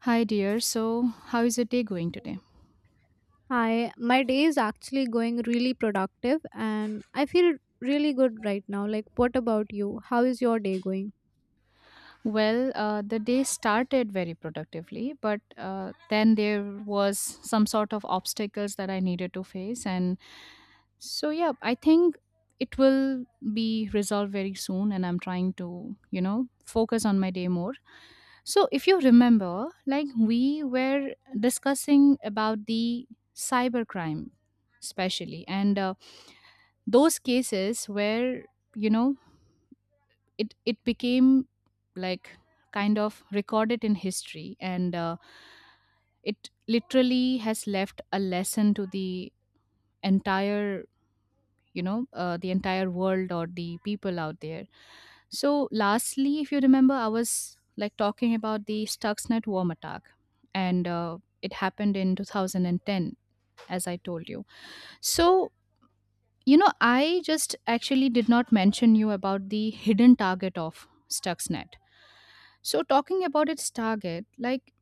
Hi, dear. So, how is your day going today? Hi, my day is actually going really productive and I feel really good right now. Like, what about you? How is your day going? Well, the day started very productively, but then there was some sort of obstacles that I needed to face, and so yeah, I think it will be resolved very soon. And I'm trying to, you know, focus on my day more. So, if you remember, like we were discussing about the cybercrime, especially, and those cases where you know it became like kind of recorded in history and it literally has left a lesson to the entire the entire world or the people out there. So lastly, if you remember, I was like talking about the Stuxnet worm attack, and it happened in 2010, as I told you. So you know, I just actually did not mention you about the hidden target of Stuxnet. So, talking about its target, like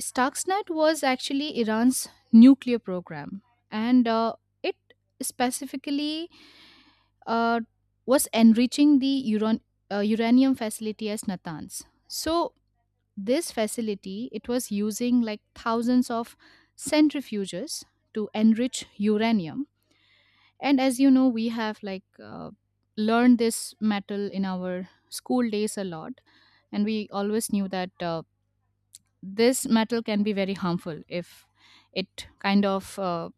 Stuxnet was actually Iran's nuclear program, and it specifically uh, was enriching the uranium facility as Natanz. So, this facility, it was using like thousands of centrifuges to enrich uranium, and as you know, we have like learned this metal in our school days a lot, and we always knew that. This metal can be very harmful if it kind of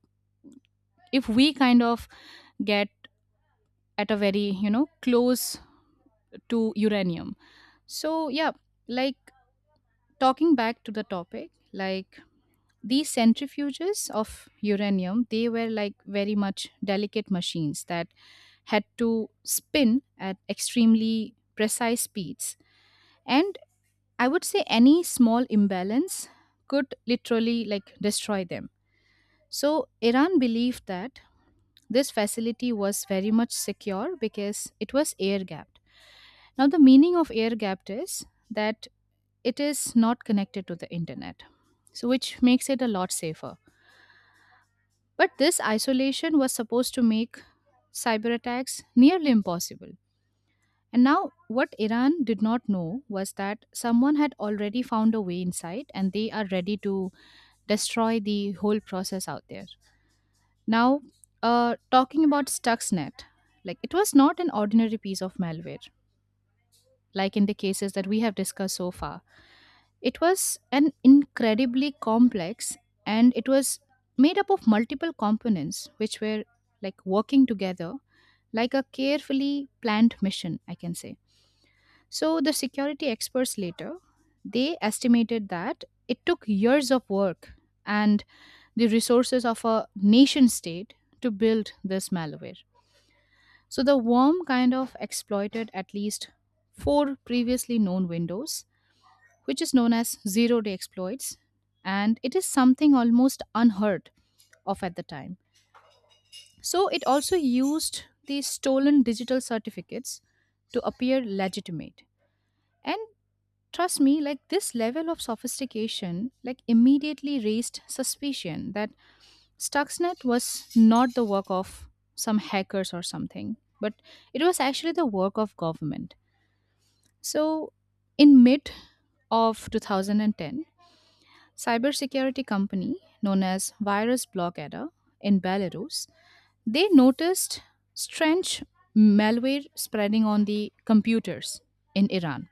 if we kind of get at a very, you know, close to uranium. So yeah, like talking back to the topic, like these centrifuges of uranium, they were like very much delicate machines that had to spin at extremely precise speeds, and I would say any small imbalance could literally like destroy them. So, Iran believed that this facility was very much secure because it was air gapped. Now, the meaning of air gapped is that it is not connected to the internet, so which makes it a lot safer. But this isolation was supposed to make cyber attacks nearly impossible. And now, what Iran did not know was that someone had already found a way inside and they are ready to destroy the whole process out there. Now, talking about Stuxnet, like it was not an ordinary piece of malware, like in the cases that we have discussed so far. It was an incredibly complex, and it was made up of multiple components which were like working together like a carefully planned mission, I can say. So the security experts later, they estimated that it took years of work and the resources of a nation state to build this malware. So the worm kind of exploited at least four previously known windows, which is known as zero day exploits, and it is something almost unheard of at the time. So it also used these stolen digital certificates to appear legitimate. And trust me, like this level of sophistication like immediately raised suspicion that Stuxnet was not the work of some hackers or something, but it was actually the work of government. So, in mid of 2010, cybersecurity company known as Virus Blockadder in Belarus, they noticed strange malware spreading on the computers in Iran.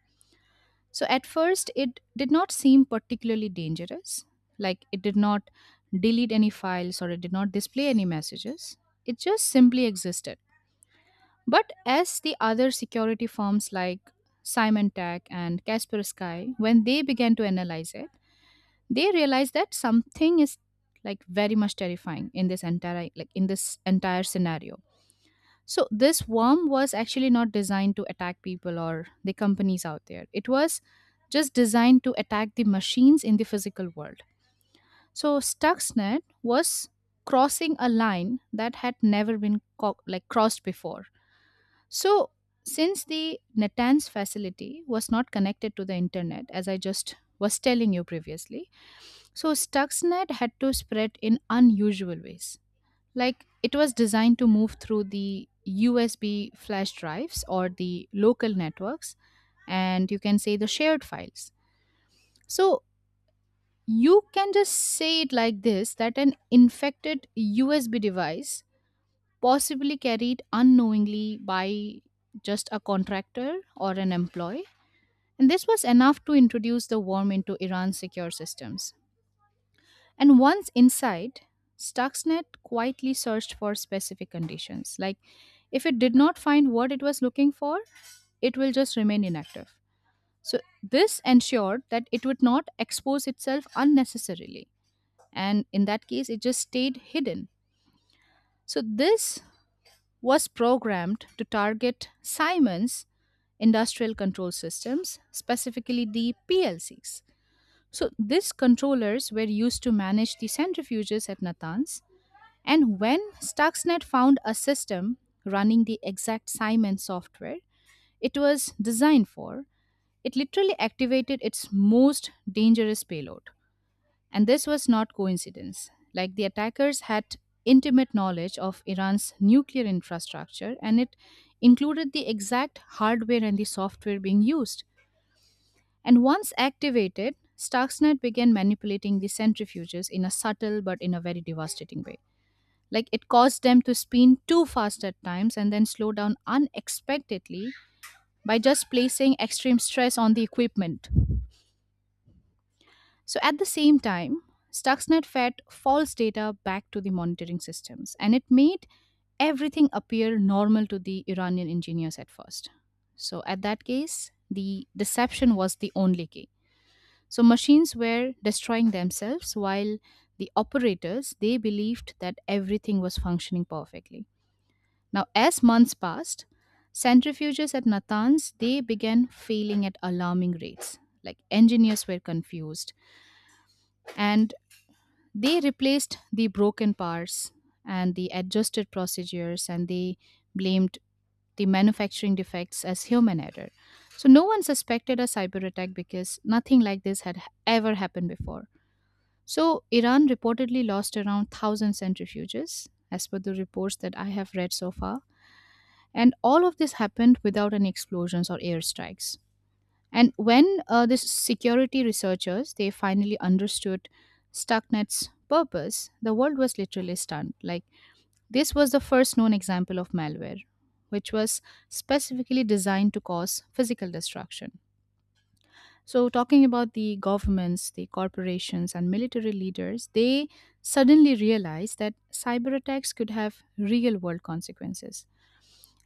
So at first it did not seem particularly dangerous, like it did not delete any files or it did not display any messages. It just simply existed. But as the other security firms like Symantec and Kaspersky, when they began to analyze it, they realized that something is like very much terrifying in this entire like in this entire scenario. So this worm was actually not designed to attack people or the companies out there. It was just designed to attack the machines in the physical world. So Stuxnet was crossing a line that had never been like crossed before. So, since the Natanz facility was not connected to the internet, as I just was telling you previously, so Stuxnet had to spread in unusual ways. Like it was designed to move through the USB flash drives or the local networks, and you can say the shared files. So, you can just say it like this that an infected USB device possibly carried unknowingly by just a contractor or an employee. And this was enough to introduce the worm into Iran's secure systems. And once inside, Stuxnet quietly searched for specific conditions. Like, if it did not find what it was looking for, it will just remain inactive. So, this ensured that it would not expose itself unnecessarily. And in that case, it just stayed hidden. So, this was programmed to target Siemens industrial control systems, specifically the PLCs. So these controllers were used to manage the centrifuges at Natanz. And when Stuxnet found a system running the exact Siemens software it was designed for, it literally activated its most dangerous payload. And this was not coincidence. Like the attackers had intimate knowledge of Iran's nuclear infrastructure, and it included the exact hardware and the software being used. And once activated, Stuxnet began manipulating the centrifuges in a subtle but in a very devastating way. Like it caused them to spin too fast at times and then slow down unexpectedly by just placing extreme stress on the equipment. So at the same time, Stuxnet fed false data back to the monitoring systems, and it made everything appear normal to the Iranian engineers at first. So at that case, the deception was the only key. So machines were destroying themselves while the operators, they believed that everything was functioning perfectly. Now as months passed, centrifuges at Natanz, they began failing at alarming rates. Like engineers were confused, and they replaced the broken parts and the adjusted procedures, and they blamed the manufacturing defects as human error. So no one suspected a cyber attack because nothing like this had ever happened before. So Iran reportedly lost around 1,000 centrifuges as per the reports that I have read so far, and all of this happened without any explosions or airstrikes. And when the security researchers, they finally understood Stuxnet's purpose, the world was literally stunned. Like this was the first known example of malware, which was specifically designed to cause physical destruction. So, talking about the governments, the corporations, and military leaders, they suddenly realized that cyber attacks could have real world consequences.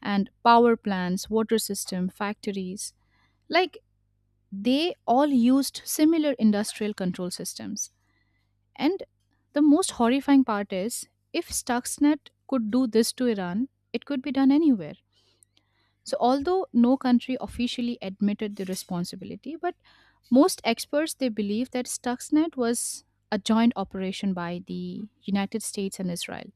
And power plants, water system, factories, like they all used similar industrial control systems. And the most horrifying part is if Stuxnet could do this to Iran, it could be done anywhere. So, although no country officially admitted the responsibility, but most experts they believe that Stuxnet was a joint operation by the United States and Israel.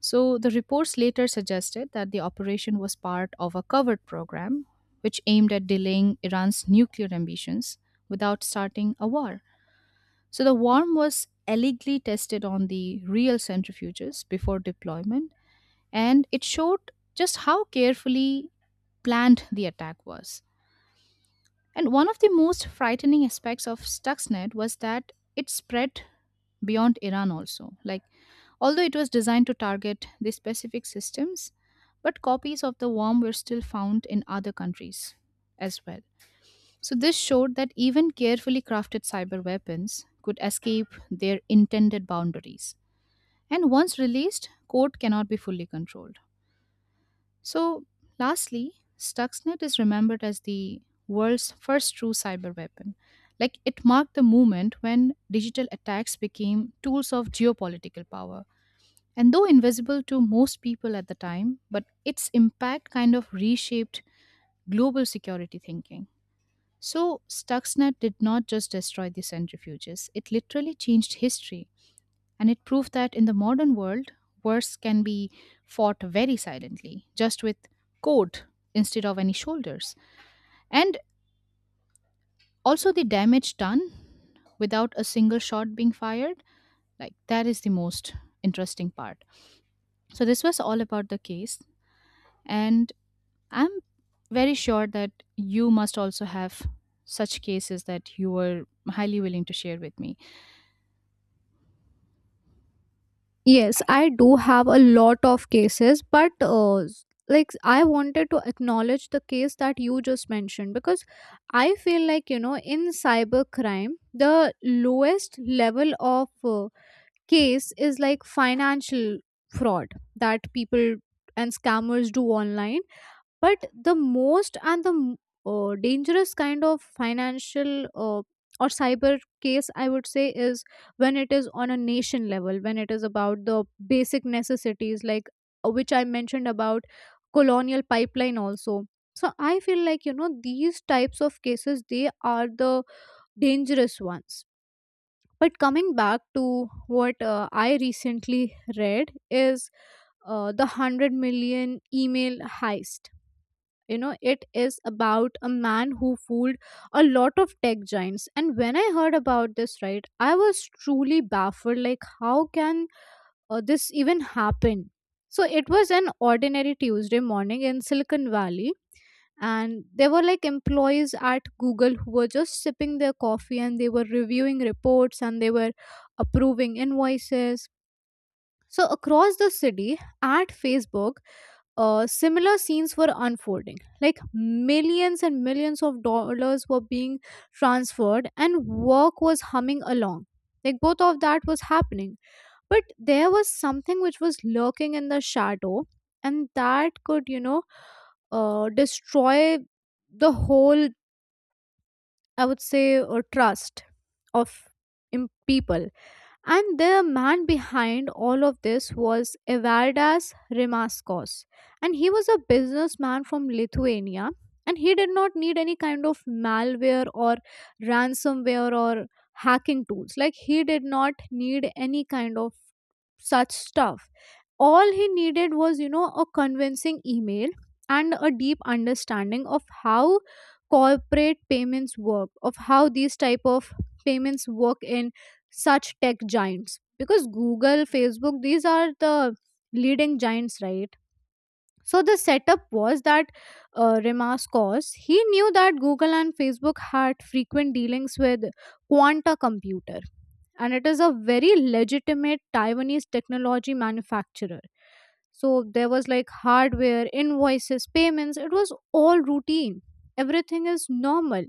So the reports later suggested that the operation was part of a covert program which aimed at delaying Iran's nuclear ambitions without starting a war. So the worm was allegedly tested on the real centrifuges before deployment, and it showed just how carefully planned the attack was. And one of the most frightening aspects of Stuxnet was that it spread beyond Iran also. Like although it was designed to target the specific systems, but copies of the worm were still found in other countries as well. So, this showed that even carefully crafted cyber weapons could escape their intended boundaries. And once released, code cannot be fully controlled. So, lastly, Stuxnet is remembered as the world's first true cyber weapon. Like, it marked the moment when digital attacks became tools of geopolitical power, and though invisible to most people at the time, but its impact kind of reshaped global security thinking. So, Stuxnet did not just destroy the centrifuges, it literally changed history. And it proved that in the modern world, wars can be fought very silently, just with code instead of any shoulders. And also, the damage done without a single shot being fired, like that is the most interesting part. So, this was all about the case. And I'm very sure that you must also have such cases that you were highly willing to share with me. Yes, I do have a lot of cases, but like I wanted to acknowledge the case that you just mentioned because I feel like, you know, in cybercrime, the lowest level of case is like financial fraud that people and scammers do online, but the most and the dangerous kind of financial or cyber case I would say is when it is on a nation level, when it is about the basic necessities like, which I mentioned about Colonial Pipeline also. So I feel like, you know, these types of cases, they are the dangerous ones. But coming back to what I recently read is the 100 million email heist. You know, it is about a man who fooled a lot of tech giants, and when I heard about this, right, I was truly baffled. Like, how can this even happen? So it was an ordinary Tuesday morning in Silicon Valley, and there were like employees at Google who were just sipping their coffee and they were reviewing reports and they were approving invoices. So across the city at Facebook, similar scenes were unfolding. Like millions and millions of dollars were being transferred, and work was humming along. Like both of that was happening. But there was something which was lurking in the shadow, and that could, you know, destroy the whole, I would say, trust of people. And the man behind all of this was Evardas Rimaskos. And he was a businessman from Lithuania. And he did not need any kind of malware or ransomware or hacking tools. Like, he did not need any kind of such stuff. All he needed was, you know, a convincing email and a deep understanding of how corporate payments work, of how these type of payments work in such tech giants, because Google, Facebook, these are the leading giants, right? So the setup was that Remaskos, he knew that Google and Facebook had frequent dealings with Quanta Computer, and it is a very legitimate Taiwanese technology manufacturer. So there was like hardware, invoices, payments, it was all routine. Everything is normal.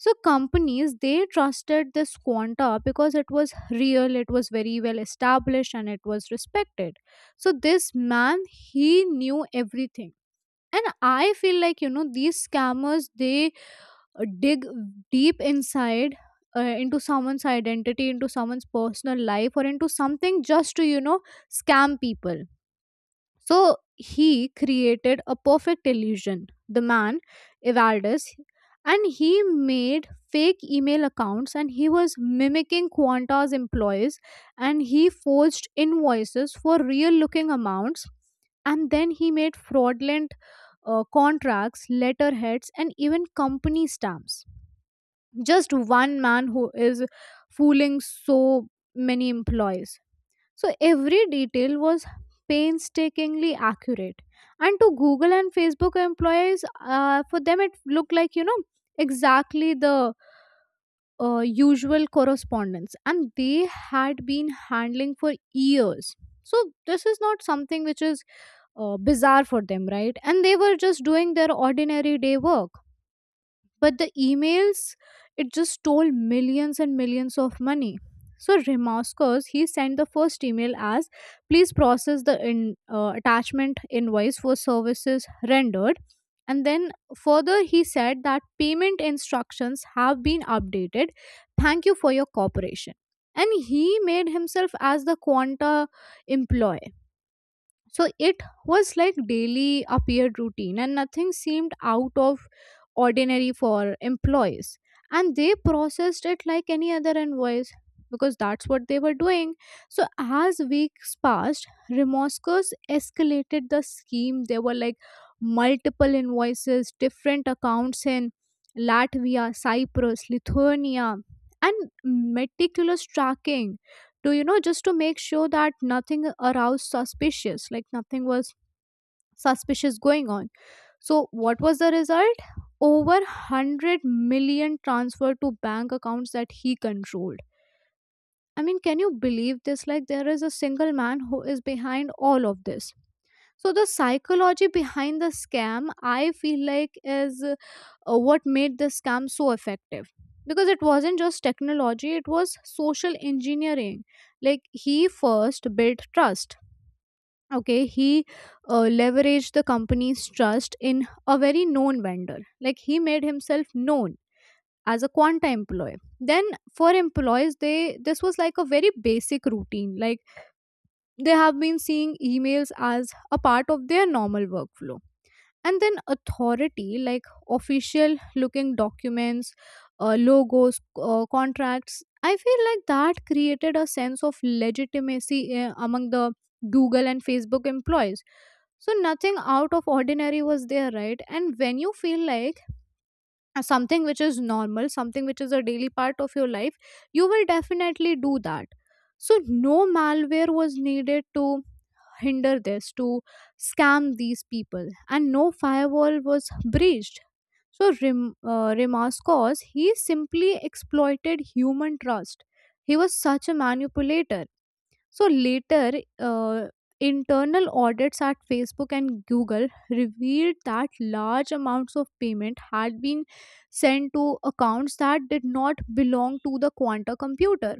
So companies, they trusted this Quanta because it was real, it was very well established and it was respected. So this man, he knew everything. And I feel like, you know, these scammers they dig deep inside into someone's identity, into someone's personal life, or into something, just to, you know, scam people. So he created a perfect illusion. The man, Evaldus, and he made fake email accounts and he was mimicking Quanta's employees, and he forged invoices for real looking amounts, and then he made fraudulent contracts, letterheads, and even company stamps. Just one man who is fooling so many employees. So every detail was painstakingly accurate. And to Google and Facebook employees, for them it looked like, you know, exactly the usual correspondence. And they had been handling for years. So this is not something which is bizarre for them, right? And they were just doing their ordinary day work. But the emails, it just stole millions and millions of money. So Remascos, he sent the first email as, please process the attachment invoice for services rendered. And then further he said that payment instructions have been updated, thank you for your cooperation. And he made himself as the Quanta employee. So it was like daily appeared routine, and nothing seemed out of ordinary for employees. And they processed it like any other invoice, because that's what they were doing. So as weeks passed, Remoscos escalated the scheme. There were like multiple invoices, different accounts in Latvia, Cyprus, Lithuania, and meticulous tracking to, you know, just to make sure that nothing aroused suspicious, like nothing was suspicious going on. So what was the result? Over 100 million transferred to bank accounts that he controlled. I mean, can you believe this? Like, there is a single man who is behind all of this. So the psychology behind the scam, I feel like, is what made the scam so effective. Because it wasn't just technology, it was social engineering. Like he first built trust. Okay, he leveraged the company's trust in a very known vendor. Like he made himself known as a Quanta employee. Then for employees, they this was like a very basic routine. Like they have been seeing emails as a part of their normal workflow. And then authority, like official looking documents, logos, contracts, I feel like that created a sense of legitimacy among the Google and Facebook employees. So nothing out of ordinary was there, right? And when you feel like something which is normal, something which is a daily part of your life, you will definitely do that. So no malware was needed to hinder this, to scam these people, and no firewall was breached. So Rimaskos, he simply exploited human trust. He was such a manipulator. So later, uh, internal audits at Facebook and Google revealed that large amounts of payment had been sent to accounts that did not belong to the Quanta Computer.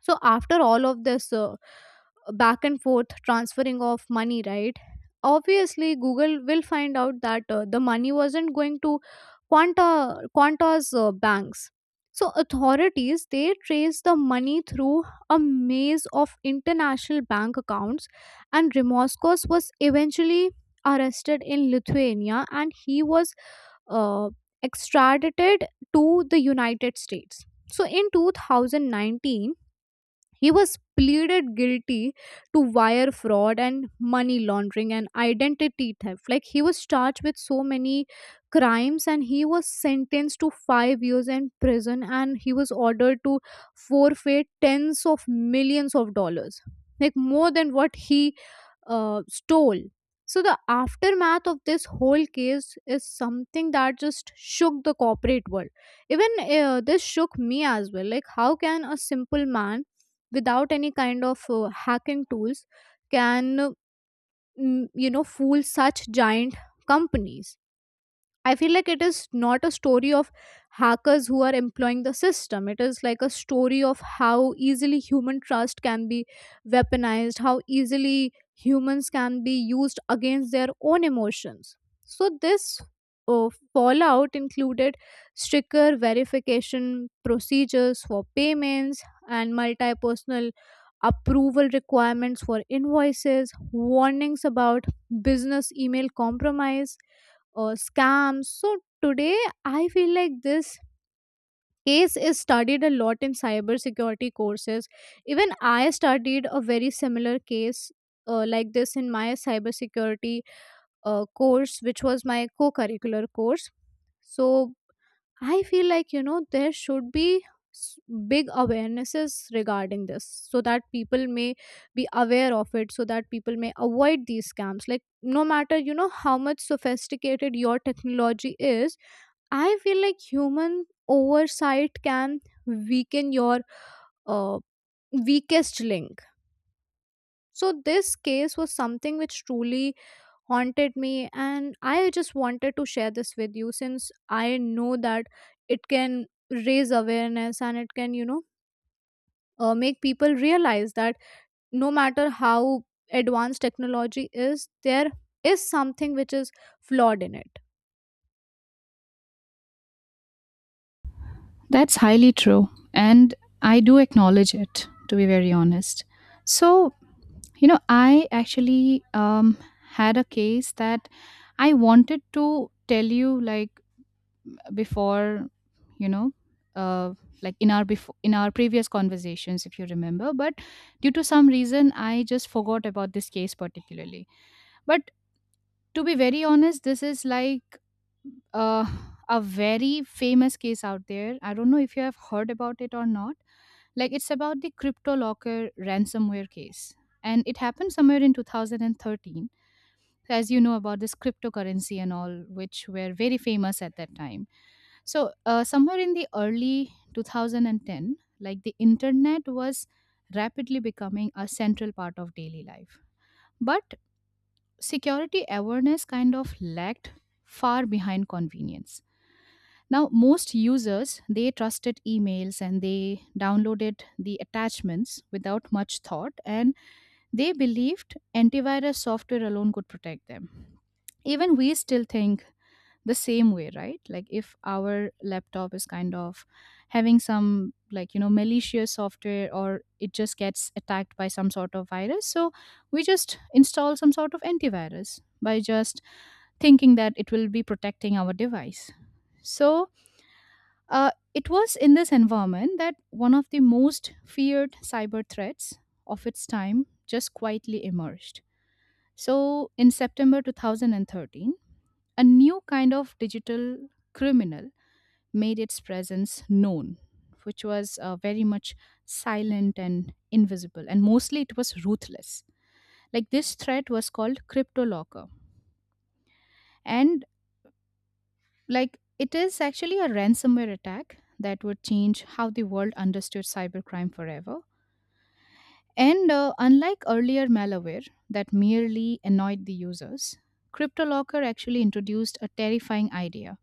So after all of this, back and forth transferring of money, right, obviously Google will find out that the money wasn't going to quanta Quanta's banks. So authorities, they trace the money through a maze of international bank accounts, and Remoscos was eventually arrested in Lithuania, and he was uh, extradited to the United States. So in 2019 he was pleaded guilty to wire fraud and money laundering and identity theft. Like he was charged with so many crimes, and he was sentenced to 5 years in prison, and he was ordered to forfeit tens of millions of dollars. Like more than what he stole. So the aftermath of this whole case is something that just shook the corporate world. Even this shook me as well. Like how can a simple man without any kind of hacking tools can you know, fool such giant companies? I feel like it is not a story of hackers who are employing the system. It is like a story of how easily human trust can be weaponized, how easily humans can be used against their own emotions. So this fallout included stricter verification procedures for payments and multi personal approval requirements for invoices, warnings about business email compromise scams. So today I feel like this case is studied a lot in cybersecurity courses. Even I studied a very similar case like this in my cybersecurity course, which was my co-curricular course. So I feel like, you know, there should be s- big awarenesses regarding this so that people may be aware of it, so that people may avoid these scams. Like no matter, you know, how much sophisticated your technology is, I feel like human oversight can weaken your uh, weakest link. So this case was something which truly haunted me, and I just wanted to share this with you since I know that it can raise awareness, and it can, you know, make people realize that no matter how advanced technology is, there is something which is flawed in it. That's highly true. And I do acknowledge it, to be very honest. So, you know, I actually had a case that I wanted to tell you, like, before, you know, uh, like in our previous conversations, if you remember, but due to some reason I just forgot about this case particularly. But to be very honest, this is like uh, a very famous case out there. I don't know if you have heard about it or not. Like, it's about the CryptoLocker ransomware case. And it happened somewhere in 2013. As you know about this cryptocurrency and all, which were very famous at that time. So, somewhere in the early 2010, like the internet was rapidly becoming a central part of daily life. But security awareness kind of lagged far behind convenience. Now most users, they trusted emails and they downloaded the attachments without much thought, and they believed antivirus software alone could protect them. Even we still think the same way, right? Like if our laptop is kind of having some, like, you know, malicious software or it just gets attacked by some sort of virus, so we just install some sort of antivirus by just thinking that it will be protecting our device. So it was in this environment that one of the most feared cyber threats of its time just quietly emerged. So, in September 2013, a new kind of digital criminal made its presence known, which was very much silent and invisible, and mostly it was ruthless. Like, this threat was called CryptoLocker, and like, it is actually a ransomware attack that would change how the world understood cybercrime forever. And unlike earlier malware that merely annoyed the users, CryptoLocker actually introduced a terrifying idea,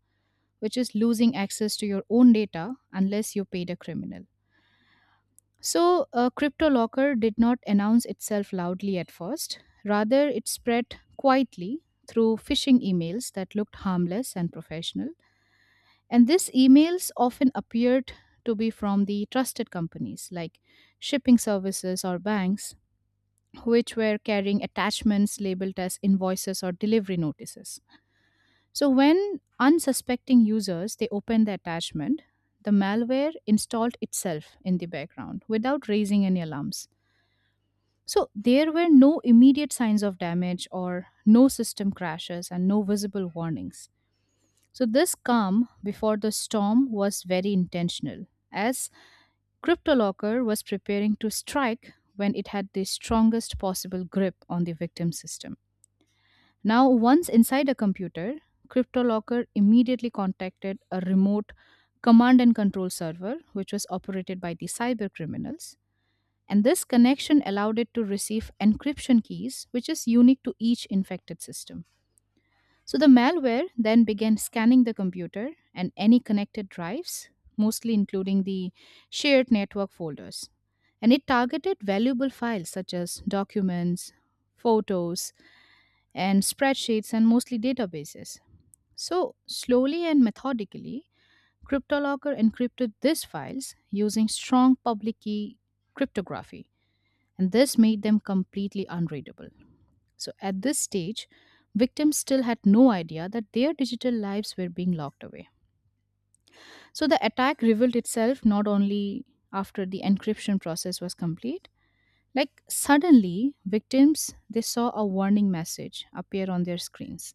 which is losing access to your own data unless you paid a criminal. So, CryptoLocker did not announce itself loudly at first. Rather, it spread quietly through phishing emails that looked harmless and professional. And these emails often appeared to be from the trusted companies like shipping services or banks, which were carrying attachments labeled as invoices or delivery notices. So when unsuspecting users they opened the attachment, the malware installed itself in the background without raising any alarms. So there were no immediate signs of damage or no system crashes and no visible warnings. So this calm before the storm was very intentional, as CryptoLocker was preparing to strike when it had the strongest possible grip on the victim system. Now, once inside a computer, CryptoLocker immediately contacted a remote command and control server, which was operated by the cyber criminals. And this connection allowed it to receive encryption keys, which is unique to each infected system. So the malware then began scanning the computer and any connected drives, mostly including the shared network folders. And it targeted valuable files such as documents, photos, and spreadsheets and mostly databases. So, slowly and methodically, CryptoLocker encrypted these files using strong public key cryptography, and this made them completely unreadable. So, at this stage, victims still had no idea that their digital lives were being locked away. So, the attack revealed itself not only after the encryption process was complete. Like, suddenly, victims they saw a warning message appear on their screens.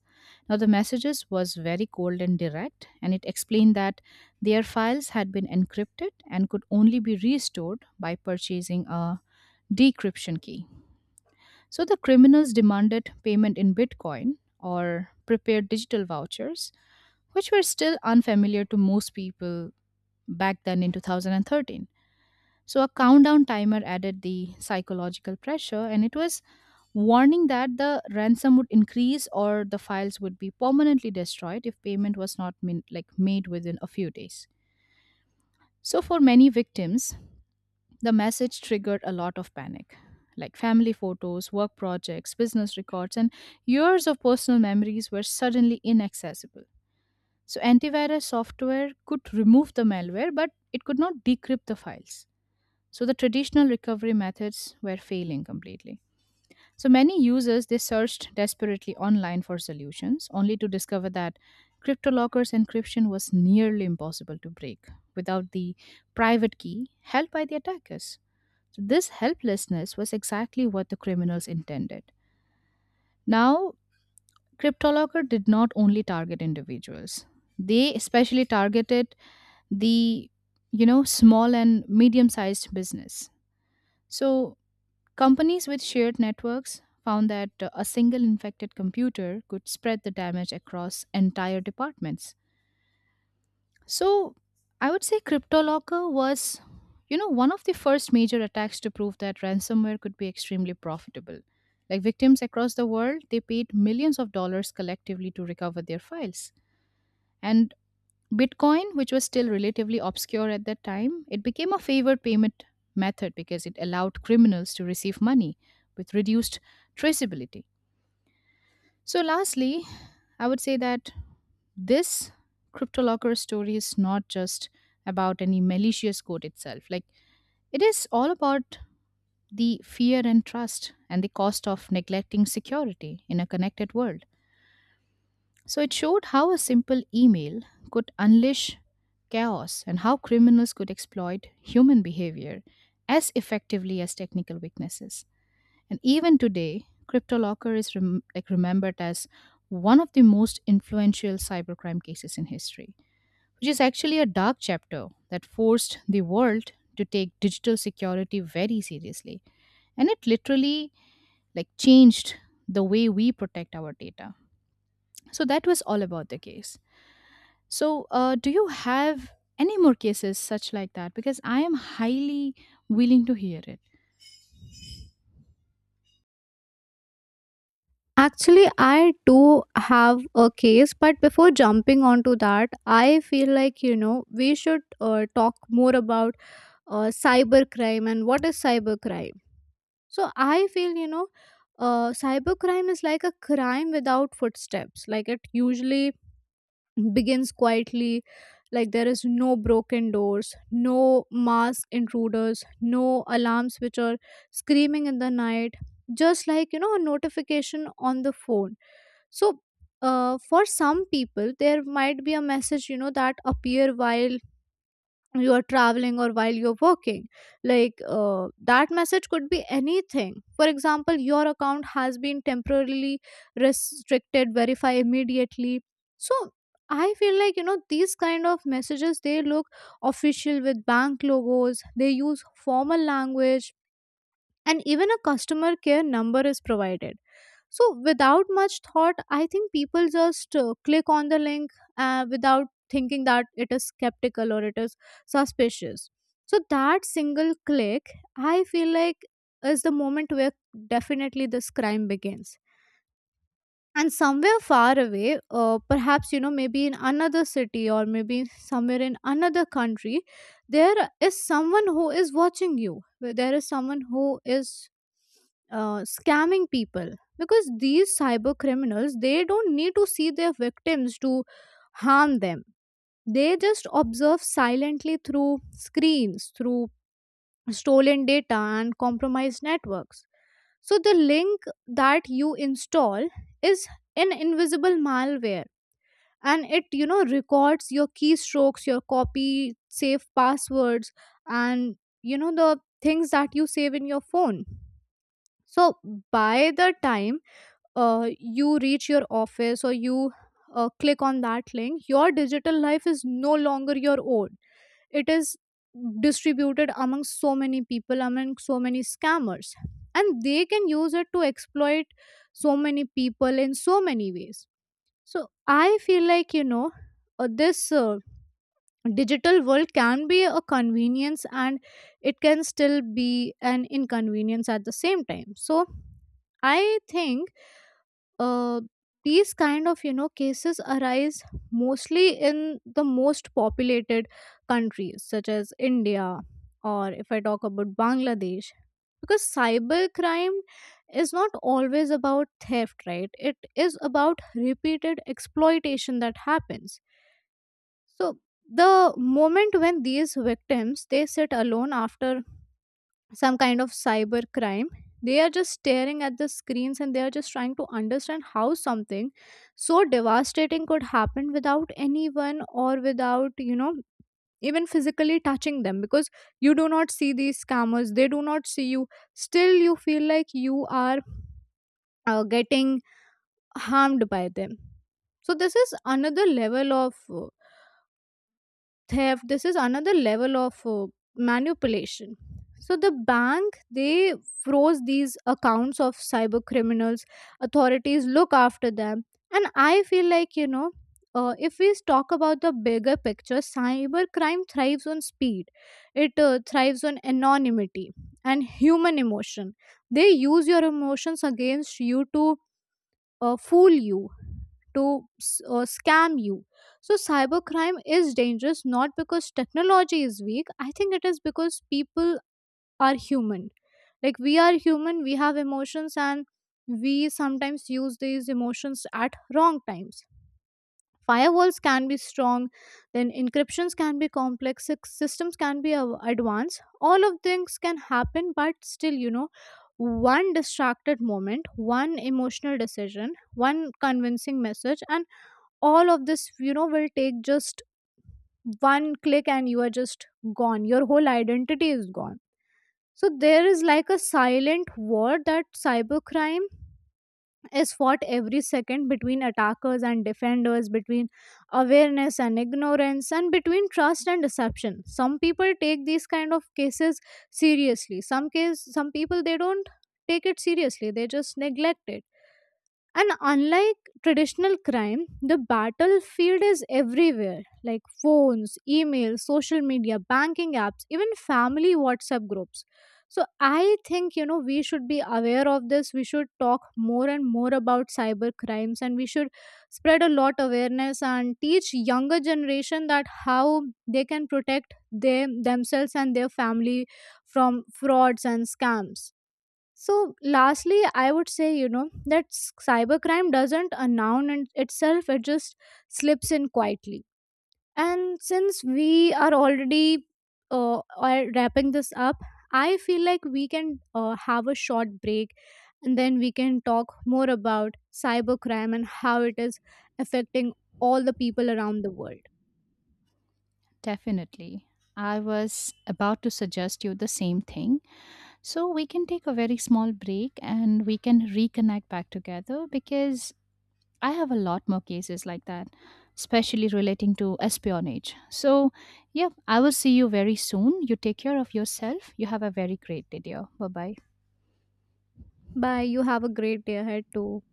Now the messages was very cold and direct, and it explained that their files had been encrypted and could only be restored by purchasing a decryption key. So the criminals demanded payment in Bitcoin or prepared digital vouchers, which were still unfamiliar to most people back then in 2013. So a countdown timer added the psychological pressure, and it was warning that the ransom would increase or the files would be permanently destroyed if payment was not like made within a few days. So for many victims, the message triggered a lot of panic. Like family photos, work projects, business records, and years of personal memories were suddenly inaccessible. So, antivirus software could remove the malware, but it could not decrypt the files. So, the traditional recovery methods were failing completely. So many users they searched desperately online for solutions, only to discover that CryptoLocker's encryption was nearly impossible to break without the private key held by the attackers. So this helplessness was exactly what the criminals intended. Now, CryptoLocker did not only target individuals. They especially targeted the, you know, small and medium sized business. So companies with shared networks found that a single infected computer could spread the damage across entire departments. So, I would say CryptoLocker was, you know, one of the first major attacks to prove that ransomware could be extremely profitable. Like, victims across the world, they paid millions of dollars collectively to recover their files. And Bitcoin, which was still relatively obscure at that time, it became a favored payment method because it allowed criminals to receive money with reduced traceability. So, lastly, I would say that this CryptoLocker story is not just about any malicious code itself. Like, it is all about the fear and trust and the cost of neglecting security in a connected world. So it showed how a simple email could unleash chaos and how criminals could exploit human behavior as effectively as technical weaknesses. And even today, CryptoLocker is like remembered as one of the most influential cybercrime cases in history, which is actually a dark chapter that forced the world to take digital security very seriously, and it literally, like, changed the way we protect our data. So that was all about the case. So, do you have any more cases such like that? Because I am highly willing to hear it. Actually, I do have a case, but before jumping onto that, I feel like, you know, we should talk more about cybercrime and what is cybercrime. So I feel, you know, cybercrime is like a crime without footsteps. Like it usually begins quietly, like there is no broken doors, no masked intruders, no alarms which are screaming in the night, just like a notification on the phone. So for some people there might be a message that appear while you are traveling or while you're working. Like that message could be anything, for example, your account has been temporarily restricted, verify immediately. So I feel like these kind of messages, they look official with bank logos, they use formal language, and even a customer care number is provided. So without much thought, I think people just click on the link without thinking that it is skeptical or it is suspicious. So that single click, I feel like, is the moment where definitely this crime begins. And somewhere far away, perhaps maybe in another city or maybe somewhere in another country, there is someone who is watching you, where there is someone who is scamming people. Because these cyber criminals, they don't need to see their victims to harm them. They just observe silently through screens, through stolen data and compromised networks. So the link that you install is an invisible malware, and it records your keystrokes, your copy, save passwords, and the things that you save in your phone. So by the time you reach your office or you click on that link, your digital life is no longer your own. It is distributed among so many people, among so many scammers, and they can use it to exploit so many people in so many ways. So I feel like this digital world can be a convenience and it can still be an inconvenience at the same time. So I think uh, these kind of cases arise mostly in the most populated countries such as India, or if I talk about Bangladesh. Because cybercrime is not always about theft, right, it is about repeated exploitation that happens. So the moment when these victims they sit alone after some kind of cyber crime, they are just staring at the screens and they are just trying to understand how something so devastating could happen without anyone or without even physically touching them. Because you do not see these scammers, they do not see you, still you feel like you are getting harmed by them. So this is another level of theft, this is another level of manipulation. So the bank, they froze these accounts of cyber criminals, authorities look after them. And I feel like if we talk about the bigger picture, cyber crime thrives on speed, it thrives on anonymity and human emotion. They use your emotions against you to fool you, to scam you. So, cybercrime is dangerous not because technology is weak, I think it is because people are human. Like, we are human, we have emotions, and we sometimes use these emotions at wrong times. Firewalls can be strong, then encryptions can be complex, systems can be advanced, all of things can happen, but still one distracted moment, one emotional decision, one convincing message, and all of this will take just one click and you are just gone, your whole identity is gone. So there is like a silent war that cybercrime is fought every second between attackers and defenders, between awareness and ignorance, and between trust and deception. Some people take these kind of cases seriously. Some case, some people they don't take it seriously. They just neglect it. And unlike traditional crime, the battlefield is everywhere, like phones, email, social media, banking apps, even family WhatsApp groups. So I think, you know, we should be aware of this. We should talk more and more about cyber crimes, and we should spread a lot awareness and teach younger generation that how they can protect them themselves and their family from frauds and scams. So, lastly, I would say, you know, that cybercrime doesn't announce in itself, it just slips in quietly. And since we are already are wrapping this up, I feel like we can have a short break and then we can talk more about cybercrime and how it is affecting all the people around the world. Definitely. I was about to suggest you the same thing. So, we can take a very small break and we can reconnect back together because I have a lot more cases like that, especially relating to espionage. So, yeah, I will see you very soon. You take care of yourself. You have a very great day, dear. Bye bye. Bye. You have a great day ahead too.